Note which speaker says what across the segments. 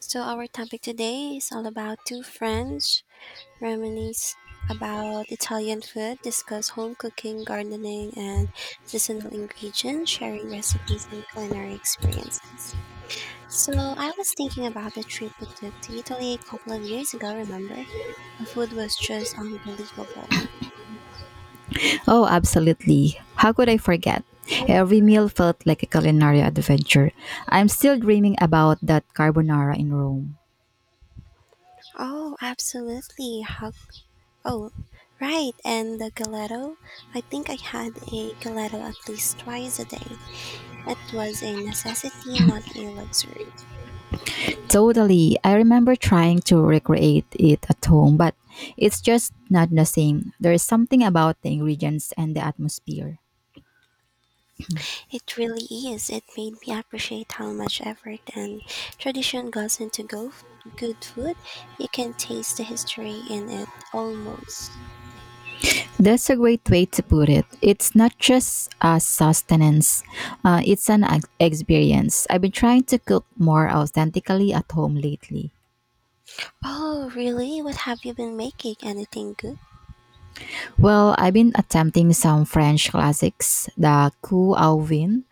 Speaker 1: So, our topic today is all about two friends reminisce about Italian food, discuss home cooking, gardening, and seasonal ingredients, sharing recipes and culinary experiences. So, I was thinking about the trip we took to Italy a couple of years ago, remember? The food was just unbelievable.
Speaker 2: Oh, absolutely. How could I forget? Every meal felt like a culinary adventure. I'm still dreaming about that carbonara in Rome.
Speaker 1: Oh, absolutely. How Oh, right. And the gelato? I think I had a gelato at least twice a day. It was a necessity, not a luxury.
Speaker 2: Totally. I remember trying to recreate it at home, but it's just not the same. There is something about the ingredients and the atmosphere.
Speaker 1: It really is. It made me appreciate how much effort and tradition goes into good food. You can taste the history in it almost.
Speaker 2: That's a great way to put it. It's not just a sustenance, it's an experience. I've been trying to cook more authentically at home lately.
Speaker 1: Oh, really? What have you been making? Anything good?
Speaker 2: Well, I've been attempting some French classics, the Coup au Vin,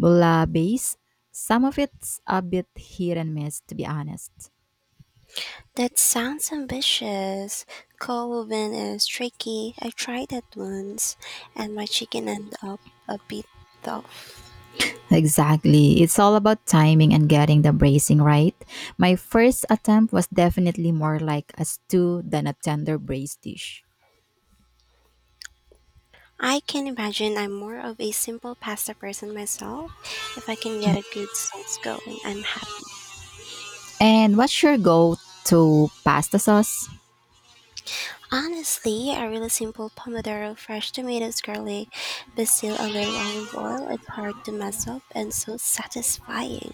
Speaker 2: Bouillabaisse. Some of it's a bit hit and miss, to be honest.
Speaker 1: That sounds ambitious. Coal is tricky. I tried that once, and my chicken ended up a bit tough.
Speaker 2: Exactly. It's all about timing and getting the bracing right. My first attempt was definitely more like a stew than a tender braised dish.
Speaker 1: I can imagine I'm more of a simple pasta person myself. If I can get a good sauce going, I'm happy.
Speaker 2: And what's your go to pasta sauce?
Speaker 1: Honestly, a really simple pomodoro, fresh tomatoes, garlic, basil, a little olive oil. It's hard to mess up and so satisfying.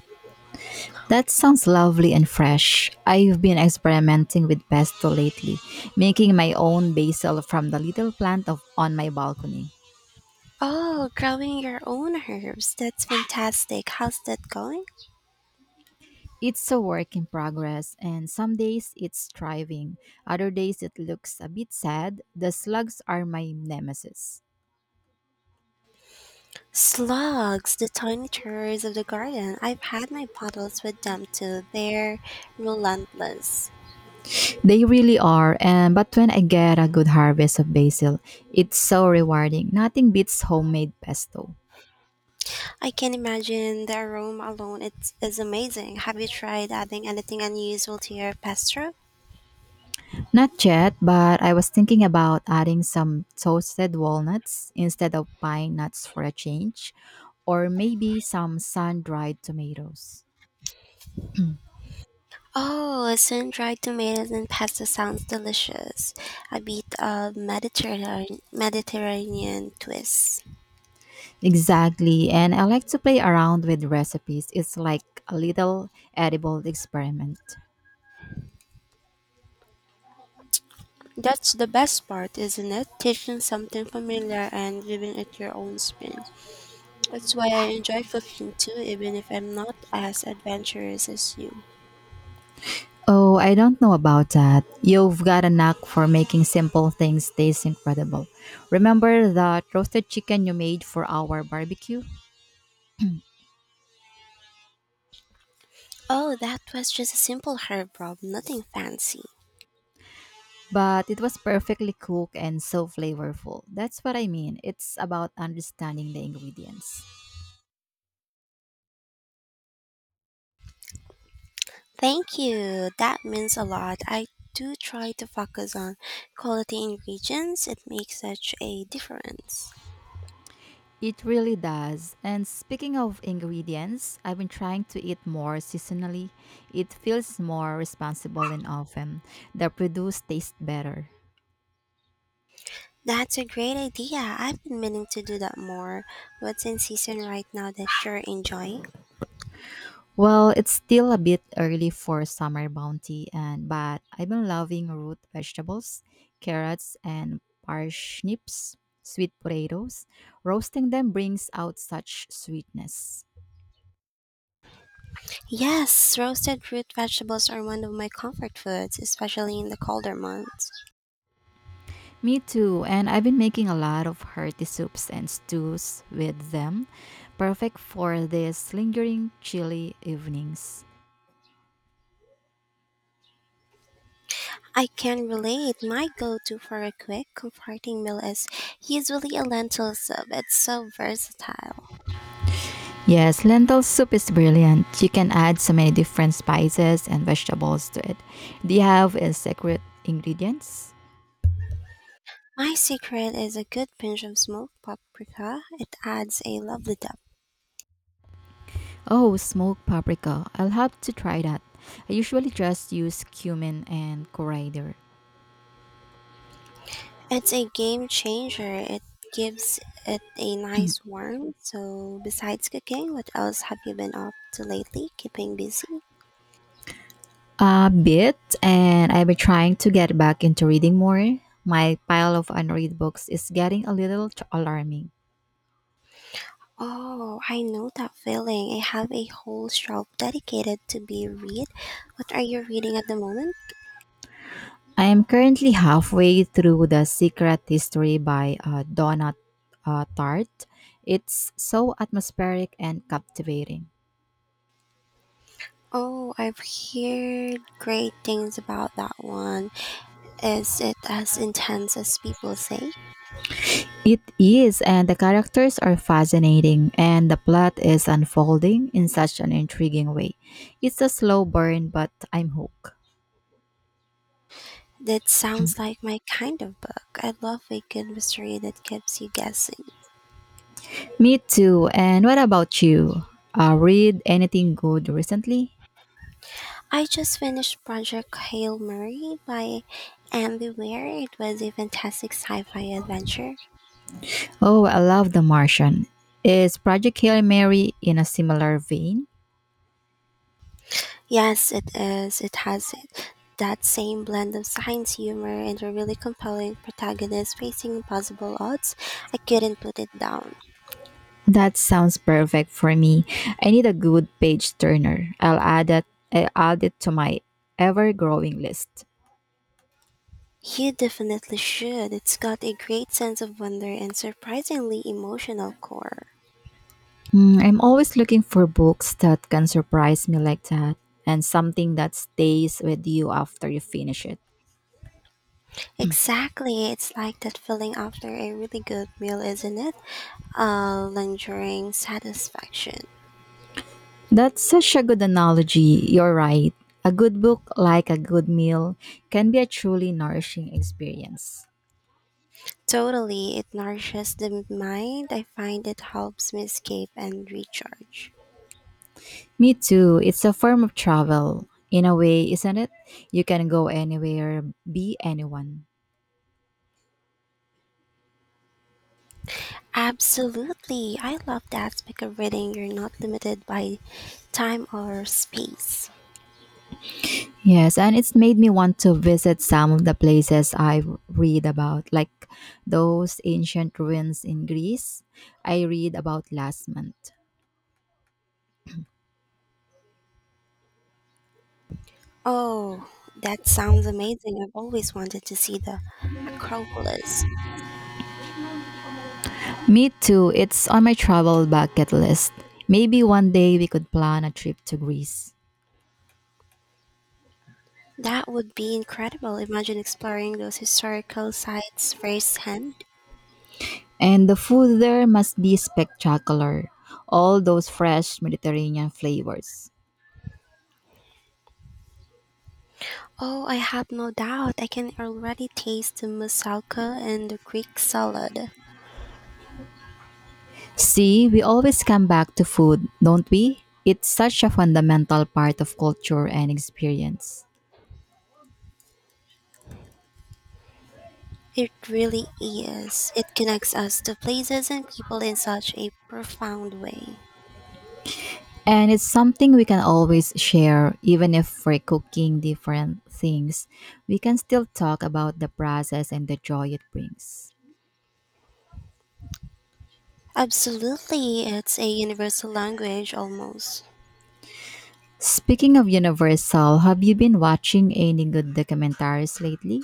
Speaker 2: That sounds lovely and fresh. I've been experimenting with pesto lately, making my own basil from the little plant of, on my balcony.
Speaker 1: Oh, growing your own herbs. That's fantastic. How's that going?
Speaker 2: It's a work in progress, and some days it's thriving. Other days it looks a bit sad. The slugs are my nemesis.
Speaker 1: Slugs, the tiny terrors of the garden. I've had my battles with them too. They're relentless.
Speaker 2: They really are, and but when I get a good harvest of basil, it's so rewarding. Nothing beats homemade pesto.
Speaker 1: I can imagine the aroma alone. It is amazing. Have you tried adding anything unusual to your pesto?
Speaker 2: Not yet, but I was thinking about adding some toasted walnuts instead of pine nuts for a change, or maybe some sun dried tomatoes.
Speaker 1: Oh, sun-dried tomatoes and pasta sounds delicious. A bit of Mediterranean twist.
Speaker 2: Exactly, and I like to play around with recipes. It's like a little edible experiment.
Speaker 1: That's the best part, isn't it? Taking something familiar and giving it your own spin. That's why I enjoy cooking too, even if I'm not as adventurous as you.
Speaker 2: Oh, I don't know about that. You've got a knack for making simple things taste incredible. Remember that roasted chicken you made for our barbecue?
Speaker 1: Oh, that was just a simple herb rub. Nothing fancy.
Speaker 2: But it was perfectly cooked and so flavorful. That's what I mean. It's about understanding the ingredients.
Speaker 1: Thank you. That means a lot. I do try to focus on quality ingredients. It makes such a difference.
Speaker 2: It really does. And speaking of ingredients, I've been trying to eat more seasonally. It feels more responsible and often. The produce tastes better.
Speaker 1: That's a great idea. I've been meaning to do that more. What's in season right now that you're enjoying?
Speaker 2: Well, it's still a bit early for summer bounty and but I've been loving root vegetables, carrots and parsnips, sweet potatoes. Roasting them brings out such sweetness.
Speaker 1: Yes, roasted root vegetables are one of my comfort foods, especially in the colder months.
Speaker 2: Me too, and I've been making a lot of hearty soups and stews with them, perfect for these lingering chilly evenings.
Speaker 1: I can relate. My go to for a quick, comforting meal is usually a lentil soup. It's so versatile.
Speaker 2: Yes, lentil soup is brilliant. You can add so many different spices and vegetables to it. Do you have a secret ingredients?
Speaker 1: My secret is a good pinch of smoked paprika. It adds a lovely depth.
Speaker 2: Oh, smoked paprika. I'll have to try that. I usually just use cumin and coriander.
Speaker 1: It's a game changer. It gives it a nice warmth. So, besides cooking, what else have you been up to lately? Keeping busy?
Speaker 2: A bit, and I've been trying to get back into reading more. My pile of unread books is getting a little alarming.
Speaker 1: Oh, I know that feeling. I have a whole shelf dedicated to be read. What are you reading at the moment?
Speaker 2: I am currently halfway through The Secret History by Donna Tartt. It's so atmospheric and captivating.
Speaker 1: Oh, I've heard great things about that one. Is it as intense as people say?
Speaker 2: It is, and the characters are fascinating, and the plot is unfolding in such an intriguing way. It's a slow burn, but I'm hooked.
Speaker 1: That sounds like my kind of book. I love a good mystery that keeps you guessing.
Speaker 2: Me too. And what about you? Read anything good recently?
Speaker 1: I just finished Project Hail Mary by Andy Weir. It was a fantastic sci-fi adventure.
Speaker 2: Oh, I love The Martian. Is Project Hail Mary in a similar vein?
Speaker 1: Yes, it is. It has that same blend of science humor and a really compelling protagonist facing impossible odds. I couldn't put it down.
Speaker 2: That sounds perfect for me. I need a good page turner. I'll add it to my ever growing list.
Speaker 1: You definitely should. It's got a great sense of wonder and surprisingly emotional core.
Speaker 2: Hmm, I'm always looking for books that can surprise me like that and something that stays with you after you finish it.
Speaker 1: Exactly. It's like that feeling after a really good meal, isn't it? A lingering satisfaction.
Speaker 2: That's such a good analogy. You're right. A good book, like a good meal, can be a truly nourishing experience.
Speaker 1: Totally. It nourishes the mind. I find it helps me escape and recharge.
Speaker 2: Me too. It's a form of travel. In a way, isn't it? You can go anywhere, be anyone.
Speaker 1: Absolutely. I love the aspect of reading. You're not limited by time or space.
Speaker 2: Yes, and it's made me want to visit some of the places I read about, like those ancient ruins in Greece I read about last month.
Speaker 1: Oh, that sounds amazing. I've always wanted to see the Acropolis.
Speaker 2: Me too, it's on my travel bucket list. Maybe one day we could plan a trip to Greece.
Speaker 1: That would be incredible. Imagine exploring those historical sites firsthand.
Speaker 2: And the food there must be spectacular. All those fresh Mediterranean flavors.
Speaker 1: Oh, I have no doubt. I can already taste the moussaka and the Greek salad.
Speaker 2: See, we always come back to food, don't we? It's such a fundamental part of culture and experience.
Speaker 1: It really is. It connects us to places and people in such a profound way.
Speaker 2: And it's something we can always share, even if we're cooking different things. We can still talk about the process and the joy it brings.
Speaker 1: Absolutely, it's a universal language almost.
Speaker 2: Speaking of Universal, have you been watching any good documentaries lately?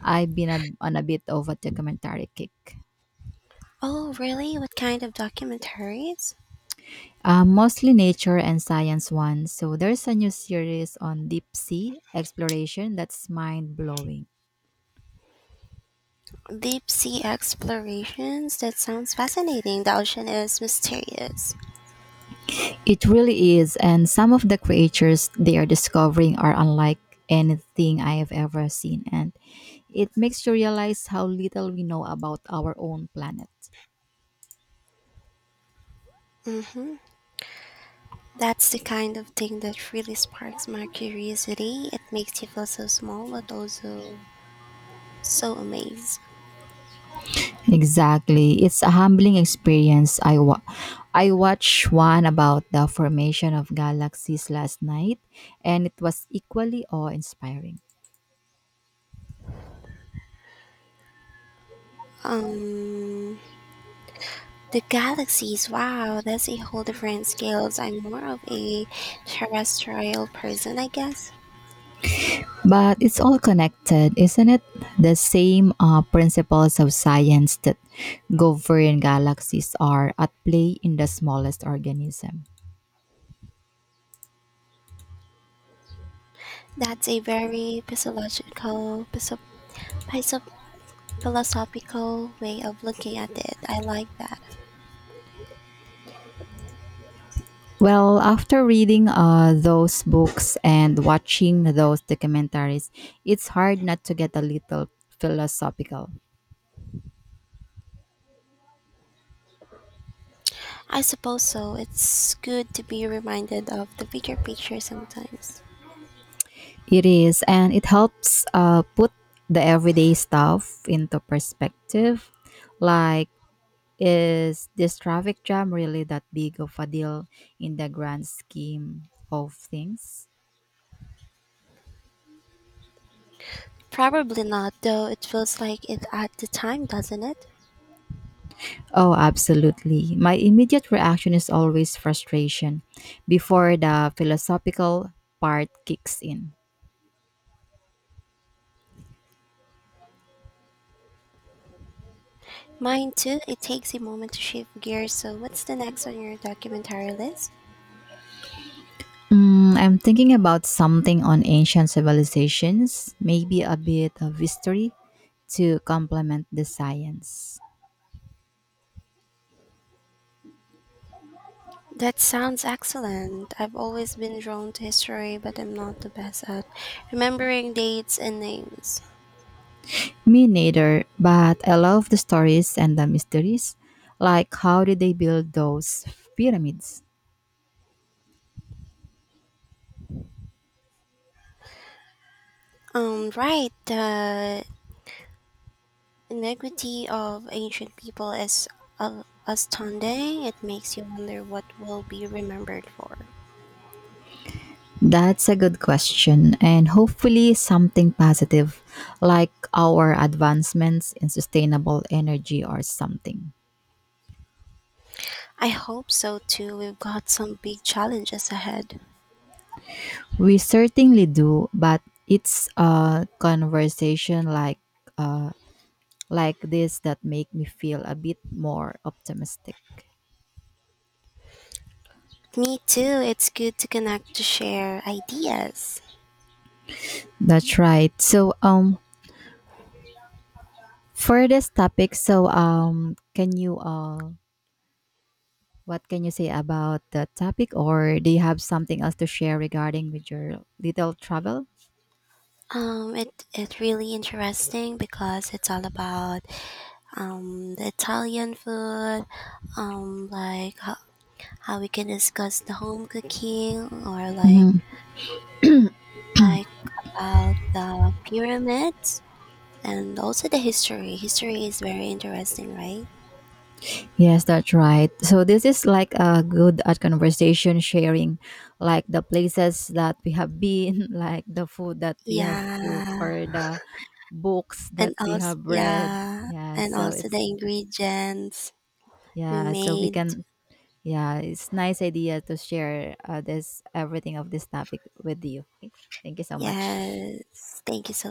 Speaker 2: On a bit of a documentary kick.
Speaker 1: Oh, really? What kind of documentaries?
Speaker 2: Mostly nature and science ones. So there's a new series on deep sea exploration that's mind blowing.
Speaker 1: Deep sea explorations? That sounds fascinating. The ocean is mysterious.
Speaker 2: It really is, and some of the creatures they are discovering are unlike anything I have ever seen, and it makes you realize how little we know about our own planet.
Speaker 1: Mm-hmm. That's the kind of thing that really sparks my curiosity. It makes you feel so small, but also so amazed.
Speaker 2: Exactly. It's a humbling experience. I watched one about the formation of galaxies last night, and it was equally awe-inspiring.
Speaker 1: Um, the galaxies, wow, that's a whole different scales. I'm more of a terrestrial person, I guess.
Speaker 2: But it's all connected, isn't it? The same principles of science that govern galaxies are at play in the smallest organism.
Speaker 1: That's a very physio- philosophical way of looking at it. I like that.
Speaker 2: Well, after reading those books and watching those documentaries, it's hard not to get a little philosophical.
Speaker 1: I suppose so. It's good to be reminded of the bigger picture sometimes.
Speaker 2: It is, and it helps put the everyday stuff into perspective, like, is this traffic jam really that big of a deal in the grand scheme of things?
Speaker 1: Probably not, though it feels like it at the time, doesn't it?
Speaker 2: Oh, absolutely. My immediate reaction is always frustration before the philosophical part kicks in.
Speaker 1: Mine too, it takes a moment to shift gears. So, what's the next on your documentary list?
Speaker 2: Mm, I'm thinking about something on ancient civilizations, maybe a bit of history to complement the science.
Speaker 1: That sounds excellent. I've always been drawn to history, but I'm not the best at remembering dates and names.
Speaker 2: Me neither, but I love the stories and the mysteries. Like, how did they build those pyramids?
Speaker 1: Right, the iniquity of ancient people is astounding. It makes you wonder what will be remembered for.
Speaker 2: That's a good question, and hopefully something positive, like our advancements in sustainable energy or something.
Speaker 1: I hope so too. We've got some big challenges ahead.
Speaker 2: We certainly do, but it's a conversation uh, like this that make me feel a bit more optimistic.
Speaker 1: Me too. It's good to connect to share ideas.
Speaker 2: That's right. So, for this topic, so, can you what can you say about the topic or do you have something else to share regarding with your little travel?
Speaker 1: Um, it it's really interesting because it's all about the Italian food, like how we can discuss the home cooking or like about the pyramids and also the history. History is very interesting, right?
Speaker 2: Yes, that's right. So this is like a good at conversation sharing, like the places that we have been, like the food that we have cooked,
Speaker 1: Yeah,
Speaker 2: or the books that we have read. Yeah,
Speaker 1: and
Speaker 2: so
Speaker 1: also the
Speaker 2: it's
Speaker 1: ingredients we
Speaker 2: yeah, so we
Speaker 1: made.
Speaker 2: can yeah, it's nice idea to share this everything of this topic with you. Okay. Thank you so much.
Speaker 1: Yes, thank you so